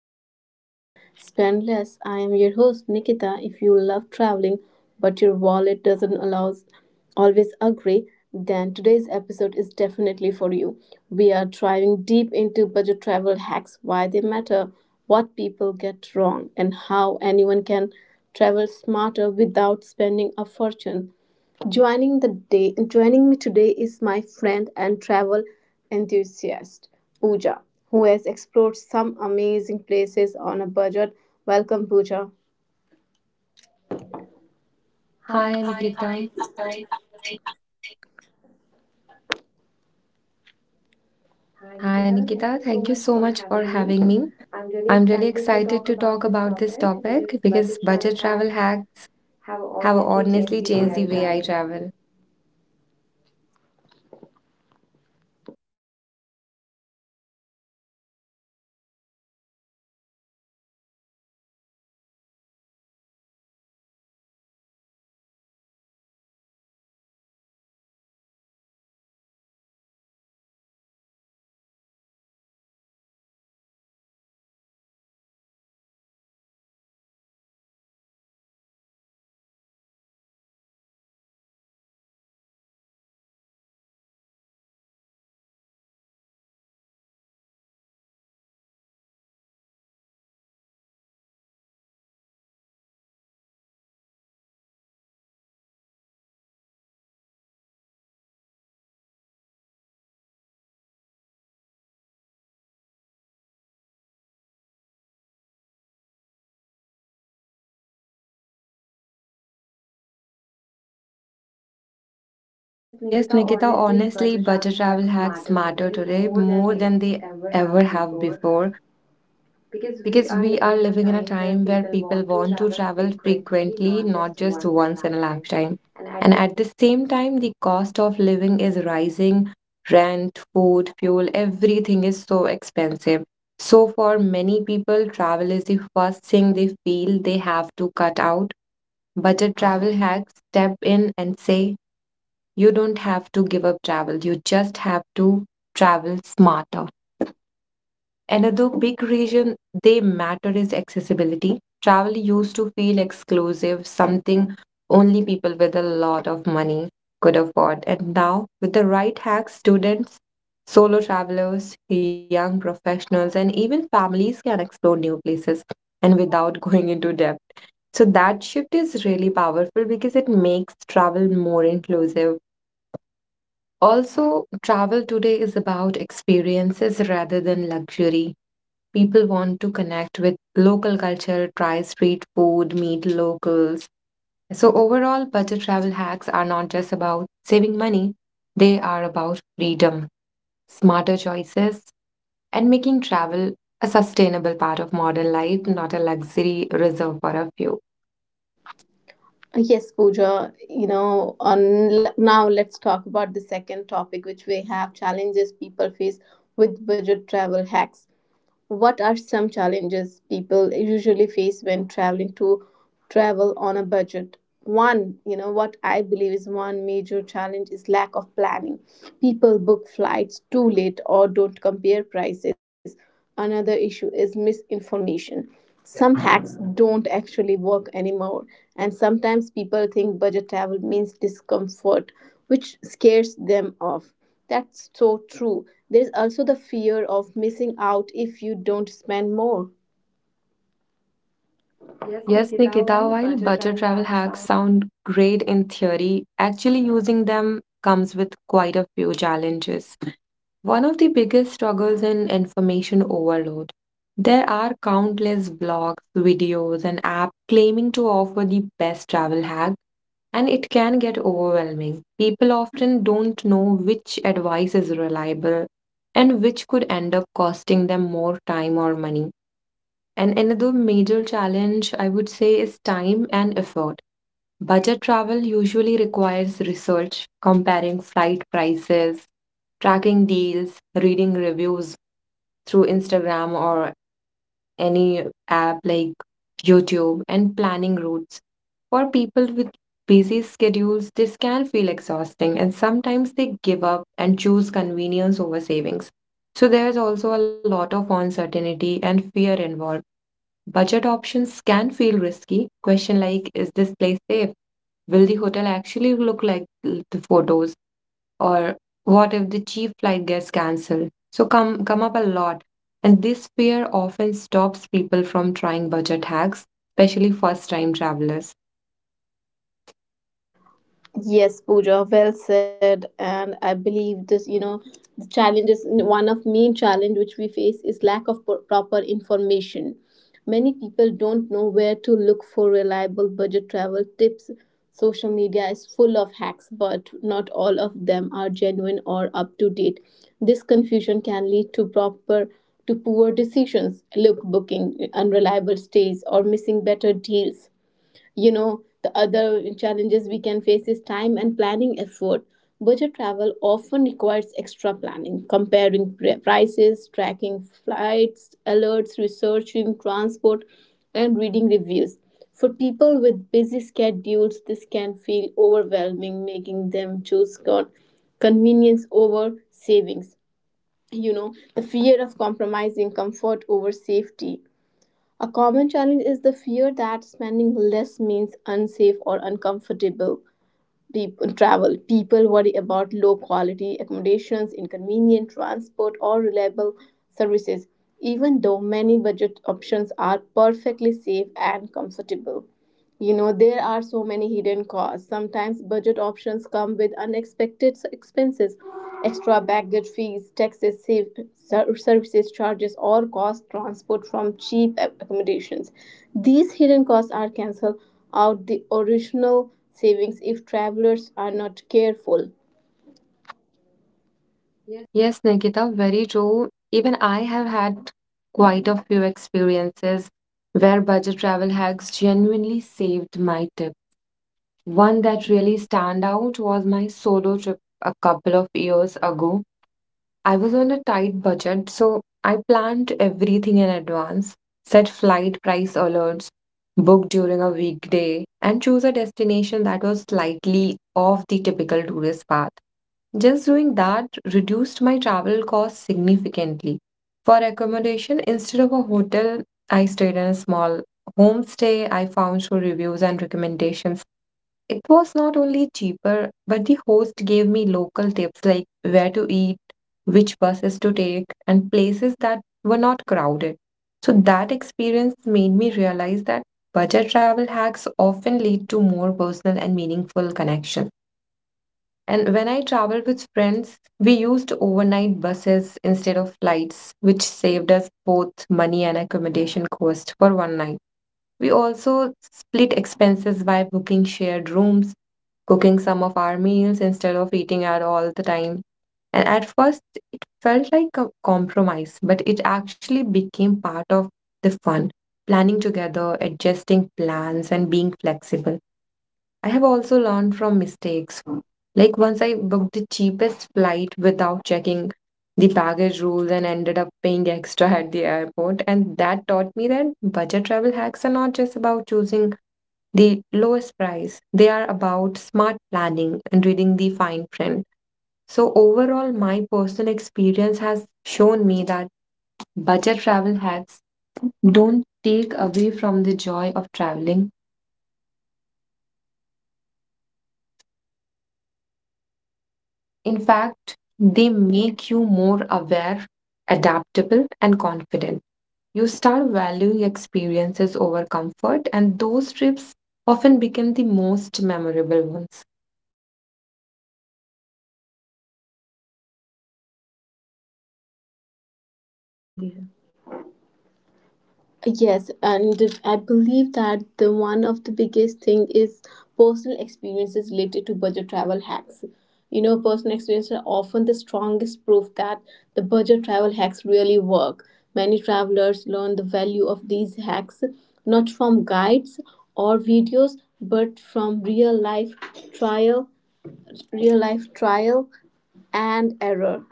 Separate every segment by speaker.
Speaker 1: Travel Smart. Spend Less. I am your host, Nikita. If you love traveling but your wallet doesn't allow, always agree, then today's episode is definitely for you. We are diving deep into budget travel hacks, why they matter, what people get wrong, and how anyone can travel smarter without spending a fortune. Joining me today is my friend and travel enthusiast Pooja, who has explored some amazing places on a budget. Welcome, Pooja.
Speaker 2: Hi,
Speaker 1: Hi,
Speaker 2: Hi, Nikita.
Speaker 1: hi
Speaker 2: Hi,
Speaker 1: Nikita. Thank you
Speaker 2: Nikita.
Speaker 1: so
Speaker 2: Thank you
Speaker 1: much for
Speaker 2: so much for
Speaker 1: having me.
Speaker 2: having me.
Speaker 1: I'm really
Speaker 2: I'm really
Speaker 1: excited to
Speaker 2: excited
Speaker 1: talk
Speaker 2: to
Speaker 1: about
Speaker 2: talk
Speaker 1: this
Speaker 2: about this
Speaker 1: topic because
Speaker 2: topic
Speaker 1: budget
Speaker 2: because
Speaker 1: travel
Speaker 2: budget travel
Speaker 1: hacks
Speaker 2: hacks
Speaker 1: have
Speaker 2: have
Speaker 1: honestly changed
Speaker 2: honestly
Speaker 1: the way
Speaker 2: changed
Speaker 1: I
Speaker 2: the way I
Speaker 1: travel.
Speaker 2: travel.
Speaker 1: Yes,
Speaker 2: Yes,
Speaker 1: Nikita,
Speaker 2: Nikita,
Speaker 1: honestly,
Speaker 2: honestly,
Speaker 1: budget
Speaker 2: budget
Speaker 1: travel
Speaker 2: travel
Speaker 1: hacks
Speaker 2: hacks
Speaker 1: matter
Speaker 2: matter
Speaker 1: today
Speaker 2: today
Speaker 1: more than
Speaker 2: more
Speaker 1: they
Speaker 2: than they
Speaker 1: ever
Speaker 2: ever
Speaker 1: have
Speaker 2: have
Speaker 1: before.
Speaker 2: before
Speaker 1: Because we
Speaker 2: because
Speaker 1: are
Speaker 2: we are
Speaker 1: living in a
Speaker 2: living in a
Speaker 1: time where
Speaker 2: time where
Speaker 1: people
Speaker 2: people
Speaker 1: want to
Speaker 2: want to
Speaker 1: travel
Speaker 2: travel
Speaker 1: frequently,
Speaker 2: frequently,
Speaker 1: not
Speaker 2: not
Speaker 1: just
Speaker 2: just
Speaker 1: once in a
Speaker 2: once in a
Speaker 1: lifetime.
Speaker 2: lifetime.
Speaker 1: And
Speaker 2: And
Speaker 1: at this.
Speaker 2: at the same time, the cost of living is rising. Rent, food, fuel, everything is so expensive. So, for many people, travel is the first thing they feel they have to cut out. Budget travel hacks step in and say, you don't have to give up travel, you just have to travel smarter. Another big reason they matter is accessibility. Travel used to feel exclusive, something only people with a lot of money could afford. And now, with the right hacks, students, solo travelers, young professionals, and even families can explore new places and without going into debt. So, that shift is really powerful because it makes travel more inclusive. Also, travel today is about experiences rather than luxury. People want to connect with local culture, try street food, meet locals. So, overall, budget travel hacks are not just about saving money, they are about freedom, smarter choices, and making travel a sustainable part of modern life, not a luxury reserved for a few.
Speaker 1: Yes, Pooja, on now let's talk about the second topic which we have challenges people face with budget travel hacks. What are some challenges people usually face when traveling to travel on a budget? What I believe is one major challenge is lack of planning. People book flights too late or don't compare prices. Another issue is misinformation. Some hacks don't actually work anymore, and sometimes people think budget travel means discomfort, which scares them off. That's so true. There's also the fear of missing out if you don't spend more. Yes,
Speaker 2: Yes,
Speaker 1: Nikita,
Speaker 2: Nikita,
Speaker 1: while
Speaker 2: while
Speaker 1: budget
Speaker 2: budget
Speaker 1: travel
Speaker 2: travel
Speaker 1: hacks
Speaker 2: hacks
Speaker 1: sound.
Speaker 2: sound great in theory, actually using them comes with quite a few challenges. One of the biggest struggles in information overload. There are countless blogs, videos, and apps claiming to offer the best travel hack, and it can get overwhelming. People often don't know which advice is reliable and which could end up costing them more time or money. And another major challenge, I would say, is time and effort. Budget travel usually requires research, comparing flight prices, tracking deals, reading reviews through Instagram or any app like YouTube, and planning routes. For people with busy schedules, this can feel exhausting, and sometimes they give up and choose convenience over savings. So, there's also a lot of uncertainty and fear involved. Budget options can feel risky. Question like, is this place safe? Will the hotel actually look like the photos? Or what if the cheap flight gets cancelled? So come up a lot. And this fear often stops people from trying budget hacks, especially first time travelers.
Speaker 1: Yes, Pooja, well said. And I believe the challenges, one of main challenge which we face is lack of proper information. Many people don't know where to look for reliable budget travel tips. Social media is full of hacks, but not all of them are genuine or up to date. This confusion can lead to proper to poor decisions, look booking unreliable stays or missing better deals. You know, the other challenges we can face is time and planning effort. Budget travel often requires extra planning, comparing prices, tracking flights alerts, researching transport, and reading reviews. For people with busy schedules, this can feel overwhelming, making them choose convenience over savings. You know, the fear of compromising comfort over safety, a common challenge is the fear that spending less means unsafe or uncomfortable travel. People worry about low quality accommodations, inconvenient transport, or reliable services, even though many budget options are perfectly safe and comfortable. You know, there are so many hidden costs. Sometimes budget options come with unexpected expenses: extra baggage fees, taxes, save, services charges, or cost transport from cheap accommodations. These hidden costs are cancel out the original savings if travelers are not careful.
Speaker 2: Yes, Nikita, very true. Even I have had quite a few experiences where budget travel hacks genuinely saved my trip. One that really stand out was my solo trip a couple of years ago. I was on a tight budget, so I planned everything in advance, set flight price alerts, book during a weekday, and choose a destination that was slightly off the typical tourist path. Just doing that reduced my travel costs significantly. For accommodation, instead of a hotel, I stayed in a small homestay I found through reviews and recommendations. It was not only cheaper, but the host gave me local tips like where to eat, which buses to take, and places that were not crowded. So that experience made me realize that budget travel hacks often lead to more personal and meaningful connections. And when I traveled with friends, we used overnight buses instead of flights, which saved us both money and accommodation cost for one night. We also split expenses by booking shared rooms, cooking some of our meals instead of eating out all the time. And at first, it felt like a compromise, but it actually became part of the fun. Planning together, adjusting plans, and being flexible. I have also learned from mistakes. Like once I booked the cheapest flight without checking the baggage rules and ended up paying extra at the airport. And that taught me that budget travel hacks are not just about choosing the lowest price, they are about smart planning and reading the fine print. So, overall, my personal experience has shown me that budget travel hacks don't take away from the joy of traveling. In fact, they make you more aware, adaptable, and confident. You start valuing experiences over comfort, and those trips often become the most memorable ones.
Speaker 1: Yes, and I believe that the one of the biggest thing is personal experiences related to budget travel hacks. You know, personal experiences are often the strongest proof that the budget travel hacks really work. Many travelers learn the value of these hacks not from guides or videos, but from real life trial, real life trial and error.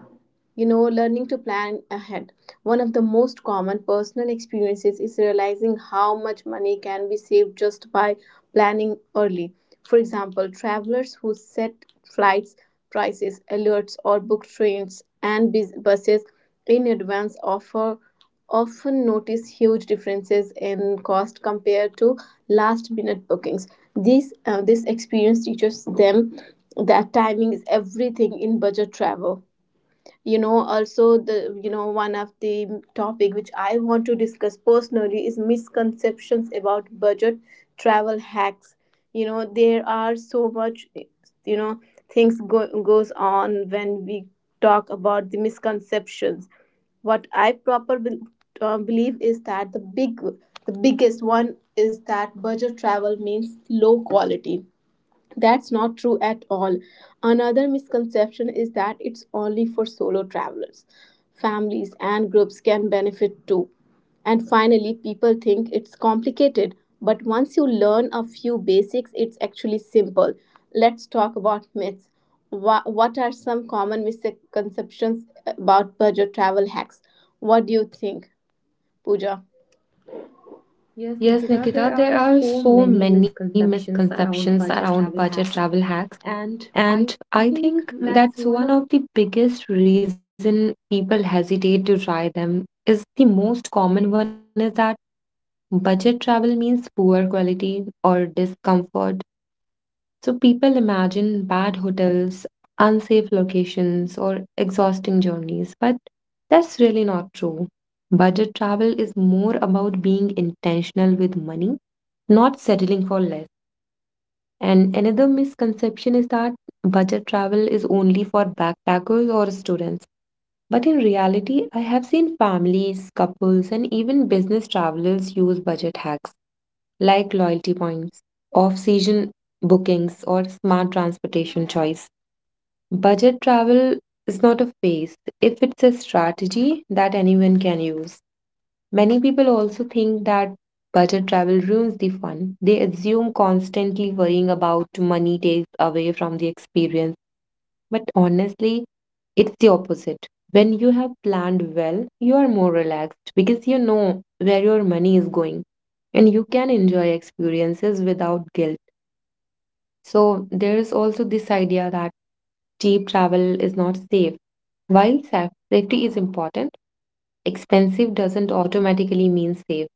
Speaker 1: You know, learning to plan ahead. One of the most common personal experiences is realizing how much money can be saved just by planning early. For example, travelers who set flights, prices, alerts, or book trains and buses in advance offer often notice huge differences in cost compared to last minute bookings. This experience teaches them that timing is everything in budget travel. You know, also, the one of the topic which I want to discuss personally is misconceptions about budget travel hacks. You know, there are so much, you know things goes on when we talk about the misconceptions. What I believe is that the biggest one is that budget travel means low quality. That's not true at all. Another misconception is that it's only for solo travelers. Families and groups can benefit too. And finally, people think it's complicated, but once you learn a few basics, it's actually simple. Let's talk about myths. What are some common misconceptions about budget travel hacks? What do you think, Pooja? Yes,
Speaker 2: Yes,
Speaker 1: Nikita,
Speaker 2: Nikita,
Speaker 1: there are
Speaker 2: there are
Speaker 1: so
Speaker 2: so
Speaker 1: many
Speaker 2: many
Speaker 1: misconceptions
Speaker 2: misconceptions
Speaker 1: around
Speaker 2: around
Speaker 1: budget
Speaker 2: budget
Speaker 1: travel
Speaker 2: travel
Speaker 1: hacks,
Speaker 2: hacks.
Speaker 1: and
Speaker 2: And
Speaker 1: I
Speaker 2: I
Speaker 1: think
Speaker 2: think
Speaker 1: that's one
Speaker 2: that's
Speaker 1: of.
Speaker 2: one of the biggest reason people hesitate to try them is the most common one is that budget travel means poor quality or discomfort. So people imagine bad hotels, unsafe locations, or exhausting journeys, but that's really not true. Budget travel is more about being intentional with money, not settling for less. And another misconception is that budget travel is only for backpackers or students. But in reality, I have seen families, couples, and even business travelers use budget hacks like loyalty points, off season bookings, or smart transportation choice. Budget travel is not a phase if it's a strategy that anyone can use. Many people also think that budget travel ruins the fun. They assume constantly worrying about money takes away from the experience. But honestly, it's the opposite. When you have planned well, you are more relaxed because you know where your money is going and you can enjoy experiences without guilt. So there is also this idea that cheap travel is not safe. While safety is important, expensive doesn't automatically mean safe,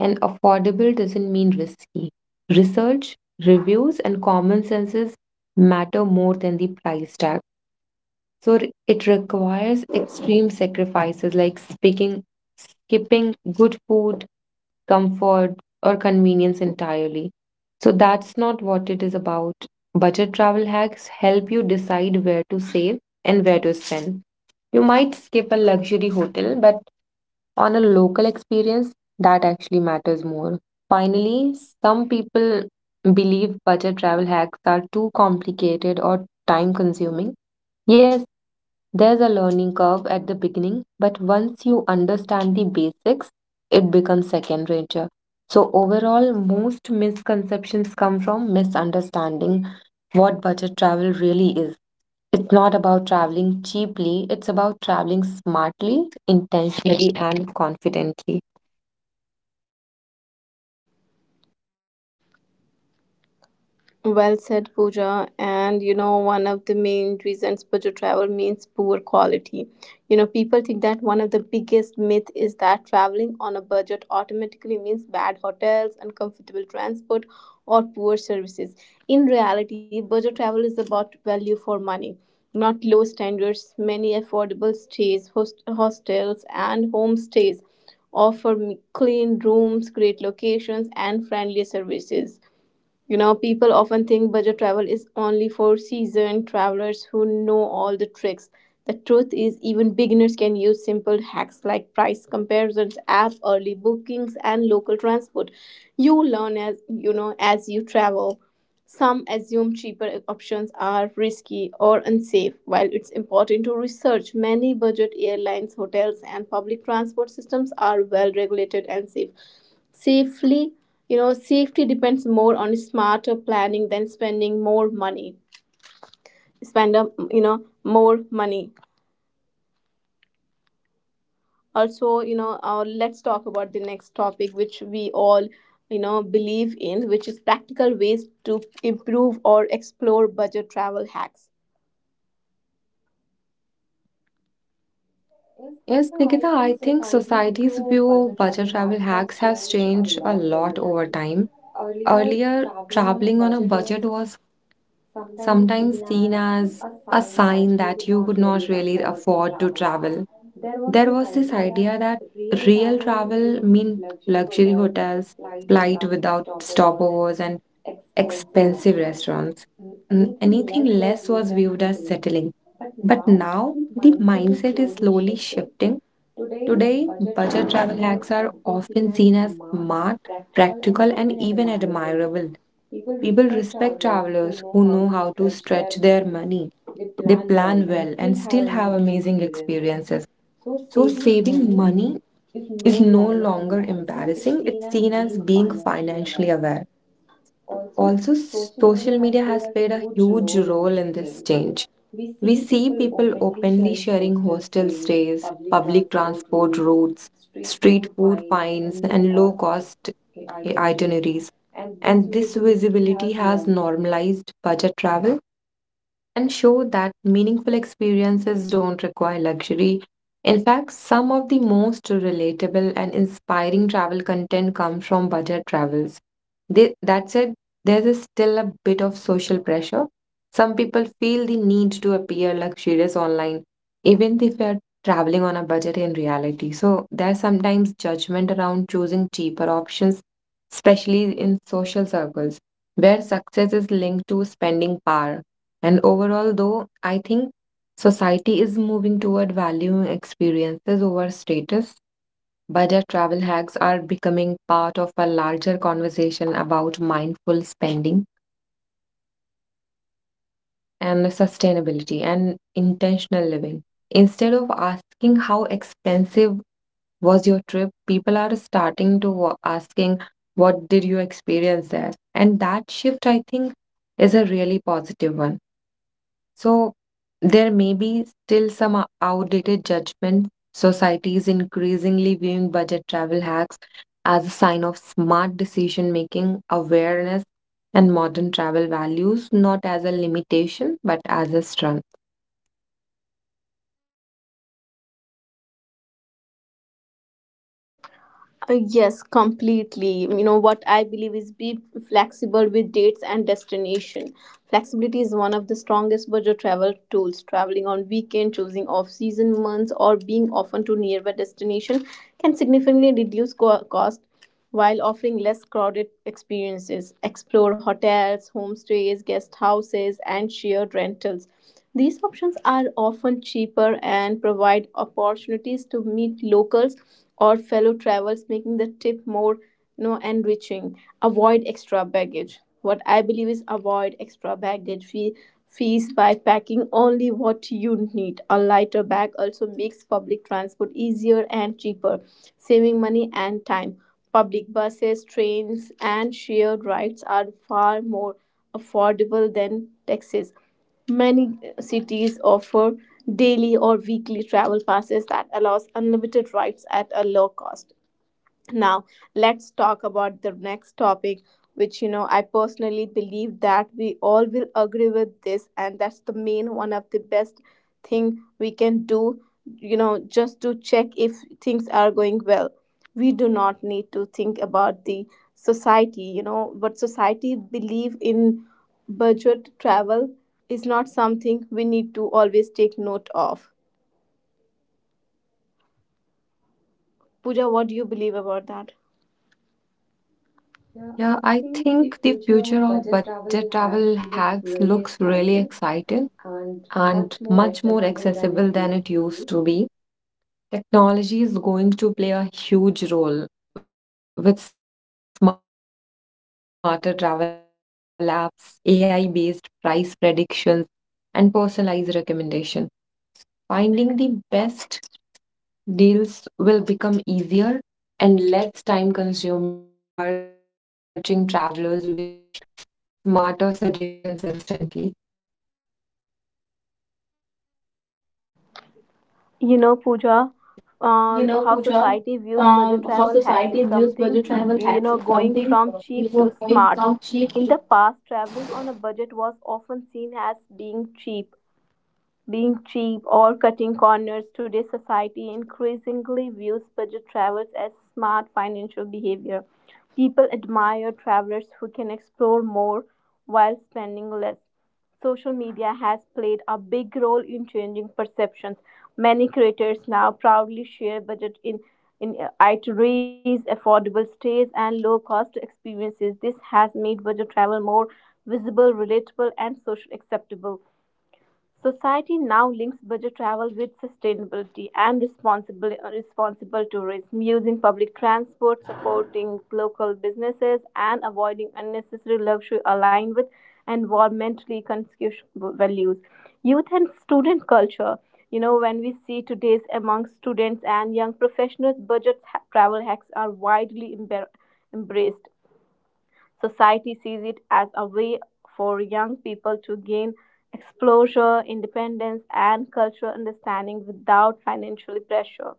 Speaker 2: and affordable doesn't mean risky. Research, reviews, and common senses matter more than the price tag. So r- it requires extreme sacrifices like speaking, skipping good food, comfort, or convenience entirely. So that's not what it is about. Budget travel hacks help you decide where to save and where to spend. You might skip a luxury hotel, but on a local experience, that actually matters more. Finally, some people believe budget travel hacks are too complicated or time consuming. Yes, there's a learning curve at the beginning, but once you understand the basics, it becomes second nature. So, overall, most misconceptions come from misunderstanding what budget travel really is. It's not about traveling cheaply, it's about traveling smartly, intentionally, and confidently.
Speaker 1: Well said, Pooja. And you know, one of the main reasons budget travel means poor quality. You know, people think that one of the biggest myth is that traveling on a budget automatically means bad hotels, uncomfortable transport, or poor services. In reality, budget travel is about value for money, not low standards. Many affordable stays, hostels, and homestays offer clean rooms, great locations, and friendly services. You know, people often think budget travel is only for seasoned travelers who know all the tricks. The truth is, even beginners can use simple hacks like price comparisons app, early bookings, and local transport. You learn as you travel. Some assume cheaper options are risky or unsafe. While it's important to research, many budget airlines, hotels, and public transport systems are well regulated and safely. You know, safety depends more on smarter planning than spending more money spend up you know more money. Also, let's talk about the next topic which we all, believe in, which is practical ways to improve or explore budget travel hacks. Yes,
Speaker 2: Yes,
Speaker 1: Nikita,
Speaker 2: Nikita,
Speaker 1: I think
Speaker 2: I think
Speaker 1: society's
Speaker 2: society's
Speaker 1: view of
Speaker 2: view of
Speaker 1: budget
Speaker 2: budget
Speaker 1: travel
Speaker 2: travel
Speaker 1: hacks has
Speaker 2: hacks has
Speaker 1: changed a
Speaker 2: changed a
Speaker 1: lot over
Speaker 2: lot over
Speaker 1: time.
Speaker 2: time.
Speaker 1: Earlier,
Speaker 2: Earlier,
Speaker 1: traveling on a
Speaker 2: traveling on a
Speaker 1: budget
Speaker 2: budget
Speaker 1: was
Speaker 2: was
Speaker 1: sometimes
Speaker 2: sometimes
Speaker 1: seen
Speaker 2: seen
Speaker 1: as
Speaker 2: as
Speaker 1: a
Speaker 2: a
Speaker 1: sign that
Speaker 2: sign
Speaker 1: you could
Speaker 2: that you
Speaker 1: not
Speaker 2: could not
Speaker 1: really
Speaker 2: really
Speaker 1: afford to
Speaker 2: afford to
Speaker 1: travel.
Speaker 2: travel.
Speaker 1: There was
Speaker 2: There
Speaker 1: this
Speaker 2: was this
Speaker 1: idea
Speaker 2: idea
Speaker 1: that
Speaker 2: that
Speaker 1: real
Speaker 2: real
Speaker 1: travel
Speaker 2: travel
Speaker 1: means
Speaker 2: meant
Speaker 1: luxury
Speaker 2: luxury
Speaker 1: hotels,
Speaker 2: hotels,
Speaker 1: flight
Speaker 2: flight
Speaker 1: without
Speaker 2: without
Speaker 1: stopovers, and
Speaker 2: stopovers, and
Speaker 1: expensive
Speaker 2: expensive
Speaker 1: restaurants.
Speaker 2: restaurants.
Speaker 1: Anything
Speaker 2: Anything
Speaker 1: less was
Speaker 2: less
Speaker 1: viewed
Speaker 2: was
Speaker 1: as
Speaker 2: viewed as
Speaker 1: settling.
Speaker 2: settling.
Speaker 1: But
Speaker 2: But
Speaker 1: now
Speaker 2: now
Speaker 1: the
Speaker 2: the
Speaker 1: mindset is
Speaker 2: mindset is
Speaker 1: slowly
Speaker 2: slowly
Speaker 1: shifting.
Speaker 2: shifting.
Speaker 1: Today,
Speaker 2: Today,
Speaker 1: budget travel
Speaker 2: budget travel
Speaker 1: hacks are
Speaker 2: hacks are
Speaker 1: often seen
Speaker 2: often
Speaker 1: as
Speaker 2: seen as
Speaker 1: smart,
Speaker 2: smart,
Speaker 1: practical, and
Speaker 2: practical, and
Speaker 1: even
Speaker 2: even
Speaker 1: admirable.
Speaker 2: admirable.
Speaker 1: People
Speaker 2: People
Speaker 1: respect
Speaker 2: respect
Speaker 1: travelers who
Speaker 2: travelers
Speaker 1: know
Speaker 2: who
Speaker 1: how
Speaker 2: know
Speaker 1: to
Speaker 2: how to
Speaker 1: stretch
Speaker 2: stretch
Speaker 1: their
Speaker 2: their
Speaker 1: money.
Speaker 2: money.
Speaker 1: They
Speaker 2: They
Speaker 1: plan well
Speaker 2: plan
Speaker 1: and
Speaker 2: well
Speaker 1: still
Speaker 2: and
Speaker 1: have
Speaker 2: still have
Speaker 1: amazing
Speaker 2: amazing
Speaker 1: experiences.
Speaker 2: experiences.
Speaker 1: So,
Speaker 2: So,
Speaker 1: saving
Speaker 2: saving
Speaker 1: money
Speaker 2: money
Speaker 1: is no
Speaker 2: is no
Speaker 1: longer
Speaker 2: longer
Speaker 1: embarrassing, it's
Speaker 2: embarrassing,
Speaker 1: seen
Speaker 2: it's
Speaker 1: as
Speaker 2: seen as
Speaker 1: being
Speaker 2: being
Speaker 1: financially
Speaker 2: financially
Speaker 1: aware.
Speaker 2: aware.
Speaker 1: Also,
Speaker 2: Also,
Speaker 1: social media
Speaker 2: social
Speaker 1: has
Speaker 2: media
Speaker 1: played
Speaker 2: has
Speaker 1: a
Speaker 2: played a
Speaker 1: huge
Speaker 2: huge
Speaker 1: role in
Speaker 2: role
Speaker 1: this
Speaker 2: in this
Speaker 1: change.
Speaker 2: change.
Speaker 1: We
Speaker 2: We
Speaker 1: see
Speaker 2: see
Speaker 1: people
Speaker 2: people
Speaker 1: openly
Speaker 2: openly
Speaker 1: sharing
Speaker 2: sharing
Speaker 1: hostel
Speaker 2: hostel
Speaker 1: stays,
Speaker 2: stays,
Speaker 1: public
Speaker 2: public
Speaker 1: transport
Speaker 2: transport
Speaker 1: routes,
Speaker 2: routes,
Speaker 1: street
Speaker 2: street
Speaker 1: food
Speaker 2: food
Speaker 1: finds,
Speaker 2: finds,
Speaker 1: and low
Speaker 2: and low
Speaker 1: cost
Speaker 2: cost
Speaker 1: itineraries.
Speaker 2: itineraries.
Speaker 1: And this
Speaker 2: And this
Speaker 1: visibility
Speaker 2: visibility
Speaker 1: has
Speaker 2: has
Speaker 1: normalized.
Speaker 2: normalized budget travel and show that meaningful experiences don't require luxury. In fact, some of the most relatable and inspiring travel content comes from budget travels. They, that said, there is still a bit of social pressure. Some people feel the need to appear luxurious online, even if they are traveling on a budget in reality. So there's sometimes judgment around choosing cheaper options, especially in social circles, where success is linked to spending power. And overall, though, I think society is moving toward valuing experiences over status. Budget travel hacks are becoming part of a larger conversation about mindful spending and sustainability and intentional living. Instead of asking how expensive was your trip, people are starting to asking what did you experience there? And that shift, I think, is a really positive one. So there may be still some outdated judgment. Society is increasingly viewing budget travel hacks as a sign of smart decision making, awareness, and modern travel values, not as a limitation, but as a strength.
Speaker 1: Yes, completely. You know what I believe is be flexible with dates and destination. Flexibility is one of the strongest budget travel tools. Traveling on weekend, choosing off-season months, or being often to nearby destination can significantly reduce cost while offering less crowded experiences. Explore hotels, homestays, guest houses, and shared rentals. These options are often cheaper and provide opportunities to meet locals or fellow travelers, making the trip more, enriching. Avoid extra baggage. What I believe is avoid extra baggage fees by packing only what you need. A lighter bag also makes public transport easier and cheaper, saving money and time. Public buses, trains, and shared rides are far more affordable than taxis. Many cities offer daily or weekly travel passes that allows unlimited rides at a low cost. Now let's talk about the next topic, which, I personally believe that we all will agree with this, and that's the main one of the best thing we can do, you know, just to check if things are going well. We do not need to think about the society, you know, but society believe in budget travel is not something we need to always take note of. Puja what do you believe about that? Yeah, I
Speaker 2: Yeah, I
Speaker 1: think the
Speaker 2: think the
Speaker 1: future
Speaker 2: future
Speaker 1: of
Speaker 2: of
Speaker 1: budget
Speaker 2: budget
Speaker 1: travel
Speaker 2: travel
Speaker 1: hacks
Speaker 2: hacks
Speaker 1: looks
Speaker 2: looks
Speaker 1: really
Speaker 2: really
Speaker 1: exciting
Speaker 2: exciting
Speaker 1: and
Speaker 2: and
Speaker 1: much more
Speaker 2: much more
Speaker 1: accessible than it
Speaker 2: accessible than
Speaker 1: used
Speaker 2: it
Speaker 1: to
Speaker 2: used
Speaker 1: be.
Speaker 2: to be. Technology is going to play a huge role with smarter travel apps, AI based price predictions, and personalized recommendation. Finding the best deals will become easier and less time consuming. Instead of spending hours researching travelers, will get smarter suggestions instantly.
Speaker 1: You know,
Speaker 2: You know,
Speaker 1: Pooja,
Speaker 2: Pooja,
Speaker 1: how
Speaker 2: how
Speaker 1: society views
Speaker 2: society
Speaker 1: budget
Speaker 2: views
Speaker 1: travel
Speaker 2: budget
Speaker 1: hacks
Speaker 2: travel
Speaker 1: is
Speaker 2: hacks is
Speaker 1: something,
Speaker 2: something
Speaker 1: you know,
Speaker 2: we
Speaker 1: going
Speaker 2: were
Speaker 1: from
Speaker 2: going from
Speaker 1: cheap to
Speaker 2: cheap to.
Speaker 1: smart. In the past, traveling on a budget was often seen as being cheap or cutting corners. Today's society increasingly views budget travels as smart financial behavior. People admire travelers who can explore more while spending less. Social media has played a big role in changing perceptions. Many creators now proudly share budget in itineraries, affordable stays, and low-cost experiences. This has made budget travel more visible, relatable, and socially acceptable. Society now links budget travel with sustainability and responsible tourism, using public transport, supporting local businesses, and avoiding unnecessary luxury aligned with environmentally conscious values. Youth and student culture. You know, when we see today's among students and young professionals, budget travel hacks are widely embraced. Society sees it as a way for young people to gain exposure, independence, and cultural understanding without financial pressure.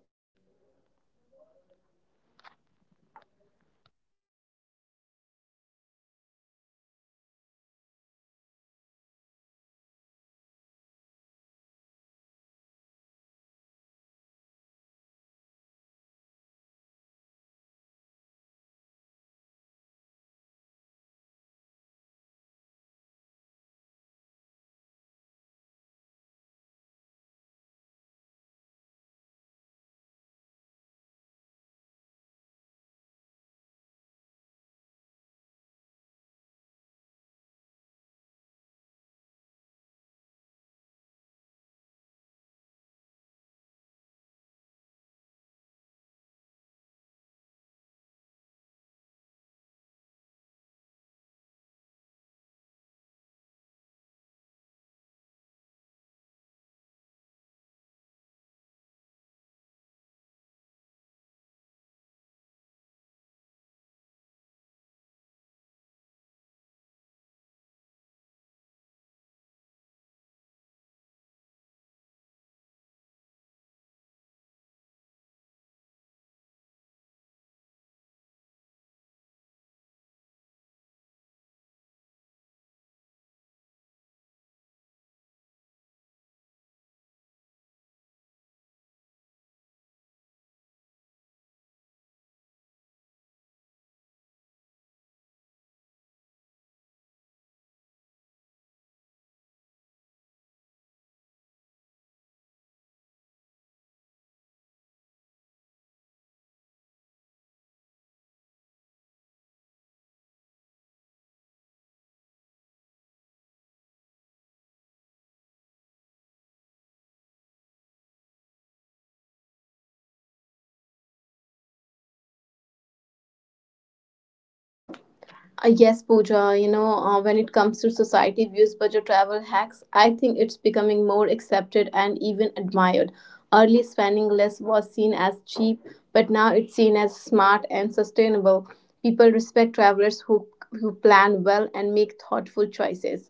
Speaker 2: Yes, Nikita, very true. I think another big change I see is the rise of value-based travel. People won't just look for the cheapest option, they will look for the best experience for their money. And budget travel hacks will focus more on maximizing experiences and rather than minimizing cost, things like social stays, cultural exchange, and unique activities will become more popular than luxury hotels. Sustainability will also shape the future of budget travel. Eco friendly choices like traveling by train, choosing local accommodation, and avoiding over touristed destinations are often cheaper and more responsible. Budget travel hacks will naturally align with sustainable travel, encouraging people to travel slower and more mindfully. And there is remote work is another factor. As more people work from anywhere, budget travel hacks will evolve around long term stays, monthly rentals, local livings. Travelers will choose destinations where they can live affordably for longer periods. Instead of ta taking short, expensive trips, I also think educate education around budget travel will improve. People are becoming more financial aware, and travel planning will be seen as a skill. Schools, online platforms, and communities will normalize sharing budget trips, making it easier for beginners to travel confidently. Overall, the future of budget travel hacks isn't about cutting corners, it's about smart planning, technology, sustainability, and meaningful experiences. Budget travel will continue to empower people to explore the world without feeling limited by money.
Speaker 1: Yes, Pooja, when it comes to society views budget travel hacks, I think it's becoming more accepted and even admired. Early spending less was seen as cheap, but now it's seen as smart and sustainable. People respect travelers who plan well and make thoughtful choices.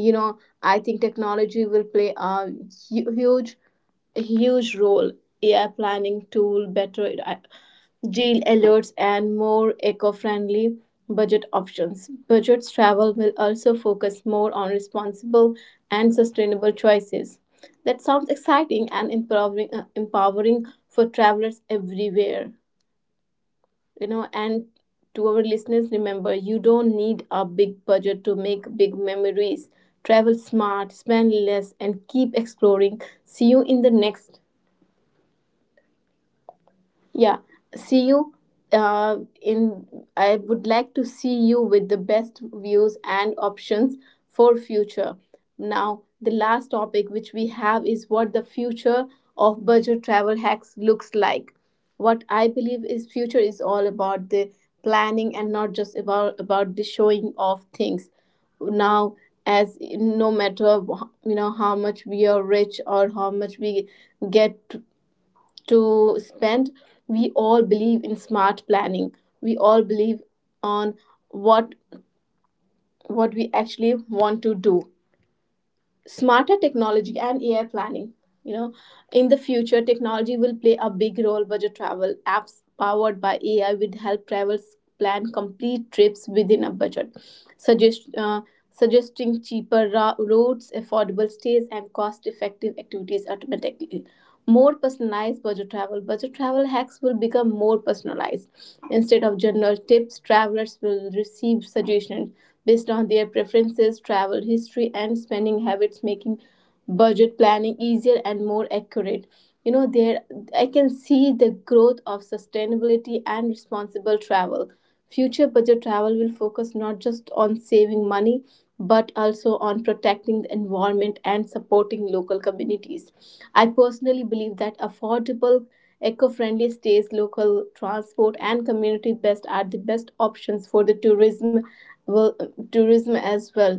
Speaker 1: you know I think technology will play a hu- huge huge role. AI planning tool, better deal alerts and more eco-friendly budget options. Budgets travel will also focus more on responsible and sustainable choices. That sounds exciting and empowering, empowering for travelers everywhere. And to our listeners, remember, you don't need a big budget to make big memories. Travel smart, spend less, and keep exploring. See you in the next. Yeah, see you. In I would like to see you with the best views and options for future. Now, the last topic which we have is what the future of budget travel hacks looks like. What I believe is future is all about the planning and not just about the showing of things. Now, as no matter you know how much we are rich or how much we get to spend, we all believe in smart planning. We all believe on what we actually want to do. Smarter technology and AI planning. You know, in the future, technology will play a big role. Budget travel apps powered by AI will help travelers plan complete trips within a budget, suggest uh, suggesting cheaper routes, affordable stays, and cost-effective activities automatically. More personalized budget travel. Budget travel hacks will become more personalized. Instead of general tips, travelers will receive suggestions based on their preferences, travel history, and spending habits, making budget planning easier and more accurate. You know, there I can see the growth of sustainability and responsible travel. Future budget travel will focus not just on saving money but also on protecting the environment and supporting local communities. I personally believe that affordable, eco friendly stays, local transport, and community best are the best options for the tourism well, tourism as well.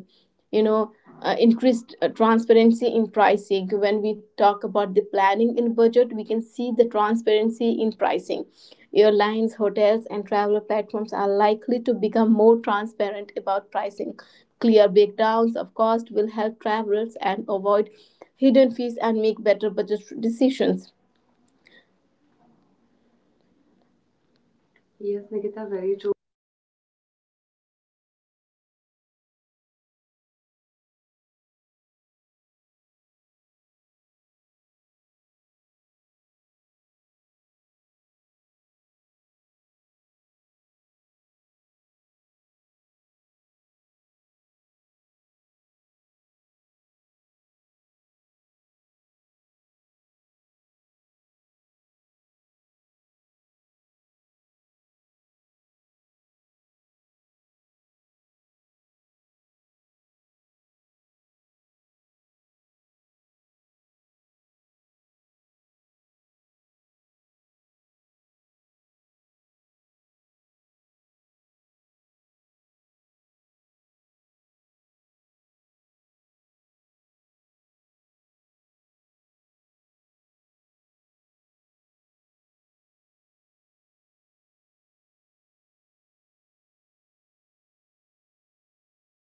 Speaker 1: you know Increased transparency in pricing. When we talk about the planning in budget, we can see the transparency in pricing. Airlines, hotels, and travel platforms are likely to become more transparent about pricing. Clear breakdowns of cost will help travelers and avoid hidden fees and make better budget decisions. Yes,
Speaker 2: Yes, Nikita,
Speaker 1: Nikita,
Speaker 2: very
Speaker 1: very true.
Speaker 2: true. And in countries like India, budget travel is easier because of affordable public transport and food. And abroad, it requires more planning. But hacks like travel passes, free walking tours, and grocery meals make a huge difference. And new travelers often try to save money everywhere at once, which leads to burnout. The key is to choose priorities, save on stay or transport, but spend on experiences that matter to you. And think as budget travel as a long term happiness. Traveling more often, even on a budget, brings more happiness than saving for one expensive trip. And believe what budget travel hacks allow people to create multiple memories instead of waiting years for a perfect vacation. So, budget travel is not about spending less, it's about living more within your means. So,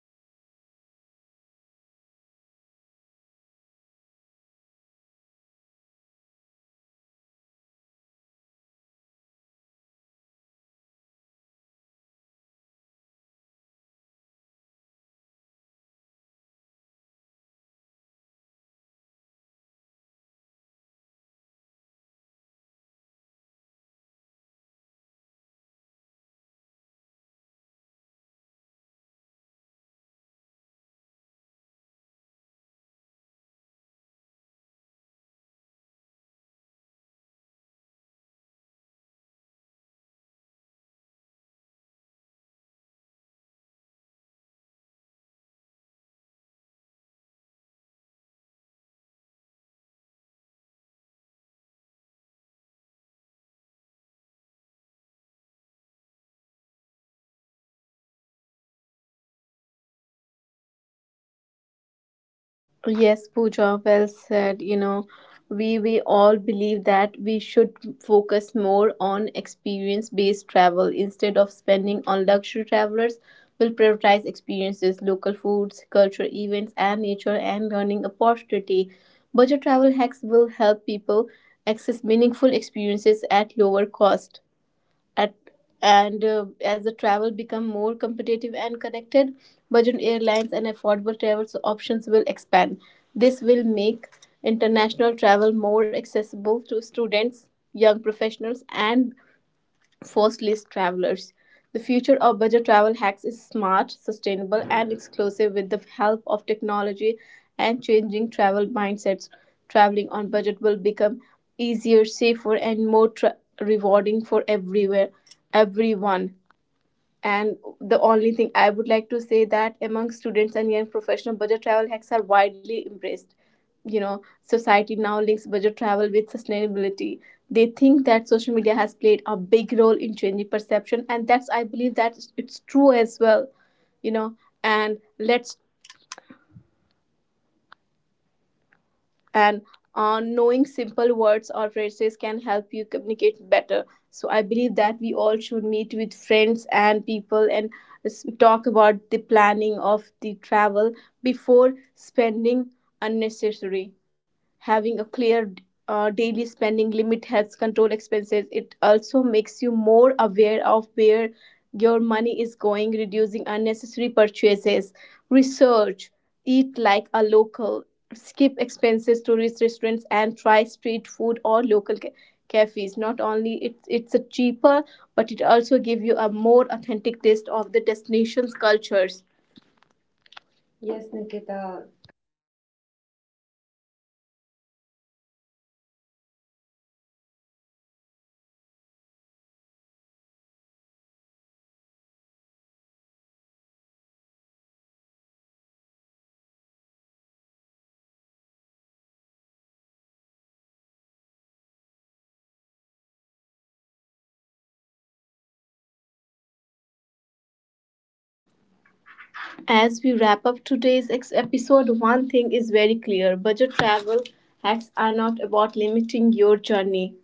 Speaker 2: I think budget travel teaches skills beyond travel like negotiation, time management, research, and problem solving. These are life skills that help in everyday life. And for many people, budget travel becomes a lifestyle choice, not just a travel style. They plan their finances around experiences rather than material things. Nowadays, digital tools are becoming travel companions from offline maps to currency converters. These tools save money, time, and stress, especially for budget travels. But even when budget travel plan fails, missed buses, wrong bookings, you learn resilience. And those moments often turn into the best stories later. So, budget travel teaches you that freedom doesn't come from spending more, it comes from knowing how to make the most of what you have.
Speaker 1: Yes,
Speaker 2: Yes, Pooja.
Speaker 1: Pooja, well said. You know, we all believe that we should focus more on experience-based travel instead of spending on luxury travelers. Will prioritize experiences, local foods, cultural events, and nature and learning opportunity. Budget travel hacks will help people access meaningful experiences at lower cost at and as the travel become more competitive and connected, budget airlines and affordable travel options will expand. This will make international travel more accessible to students, young professionals, and first list travelers. The future of budget travel hacks is smart, sustainable, and exclusive with the help of technology and changing travel mindsets. Traveling on budget will become easier, safer, and more rewarding for everywhere, everyone. And the only thing I would like to say that among students and young professional, budget travel hacks are widely embraced. You know, society now links budget travel with sustainability. They think that social media has played a big role in changing perception, and that's I believe that it's true as well. You know, and let's
Speaker 2: And
Speaker 1: and
Speaker 2: on knowing
Speaker 1: knowing
Speaker 2: simple
Speaker 1: simple
Speaker 2: words
Speaker 1: words
Speaker 2: or
Speaker 1: or
Speaker 2: phrases.
Speaker 1: phrases can help you communicate better. So I believe that we all should meet with friends and people and talk about the planning of the travel before spending unnecessary. Having a clear daily spending limit helps control expenses. It also makes you more aware of where your money is going, reducing unnecessary purchases. Research, eat like a local, skip expenses to reach restaurants, and try street food or local cafes. Not only it, it's a cheaper, but it also give you a more authentic taste of the destination's cultures.
Speaker 2: Yes,
Speaker 1: Yes,
Speaker 2: Nikita.
Speaker 1: Nikita,
Speaker 2: I think culture Those and good. Prioritize experiences over luxury. And so, where travel costs are rising, but the desire to explore remains strong. And it encourages us to focus on what truly matters the memories we create and the stories we collect.
Speaker 1: as we wrap up today's episode, one thing is very clear. Budget travel hacks are not about limiting your journey,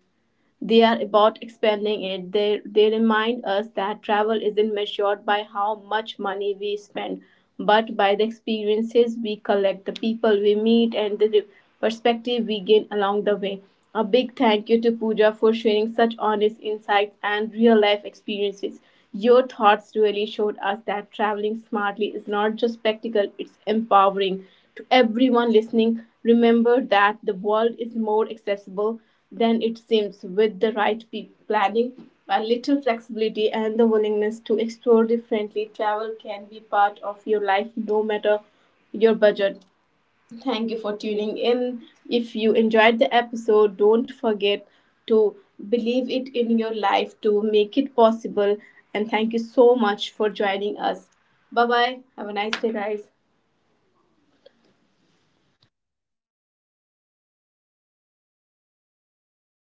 Speaker 1: they are about expanding it. They remind us that travel isn't measured by how much money we spend, but by the experiences we collect, the people we meet, and the perspective we gain along the way. A big thank you to Pooja for sharing such honest insights and real life experiences. Your thoughts really showed us that traveling smartly is not just spectacle, it's empowering. To everyone listening, remember that the world is more accessible than it seems. With the right planning, a little flexibility, and the willingness to explore differently, travel can be part of your life no matter your budget. Thank you for tuning in. If you enjoyed the episode, don't forget to believe it in your life to make it possible. And thank you so much for joining us. Bye bye. Have a nice day, guys.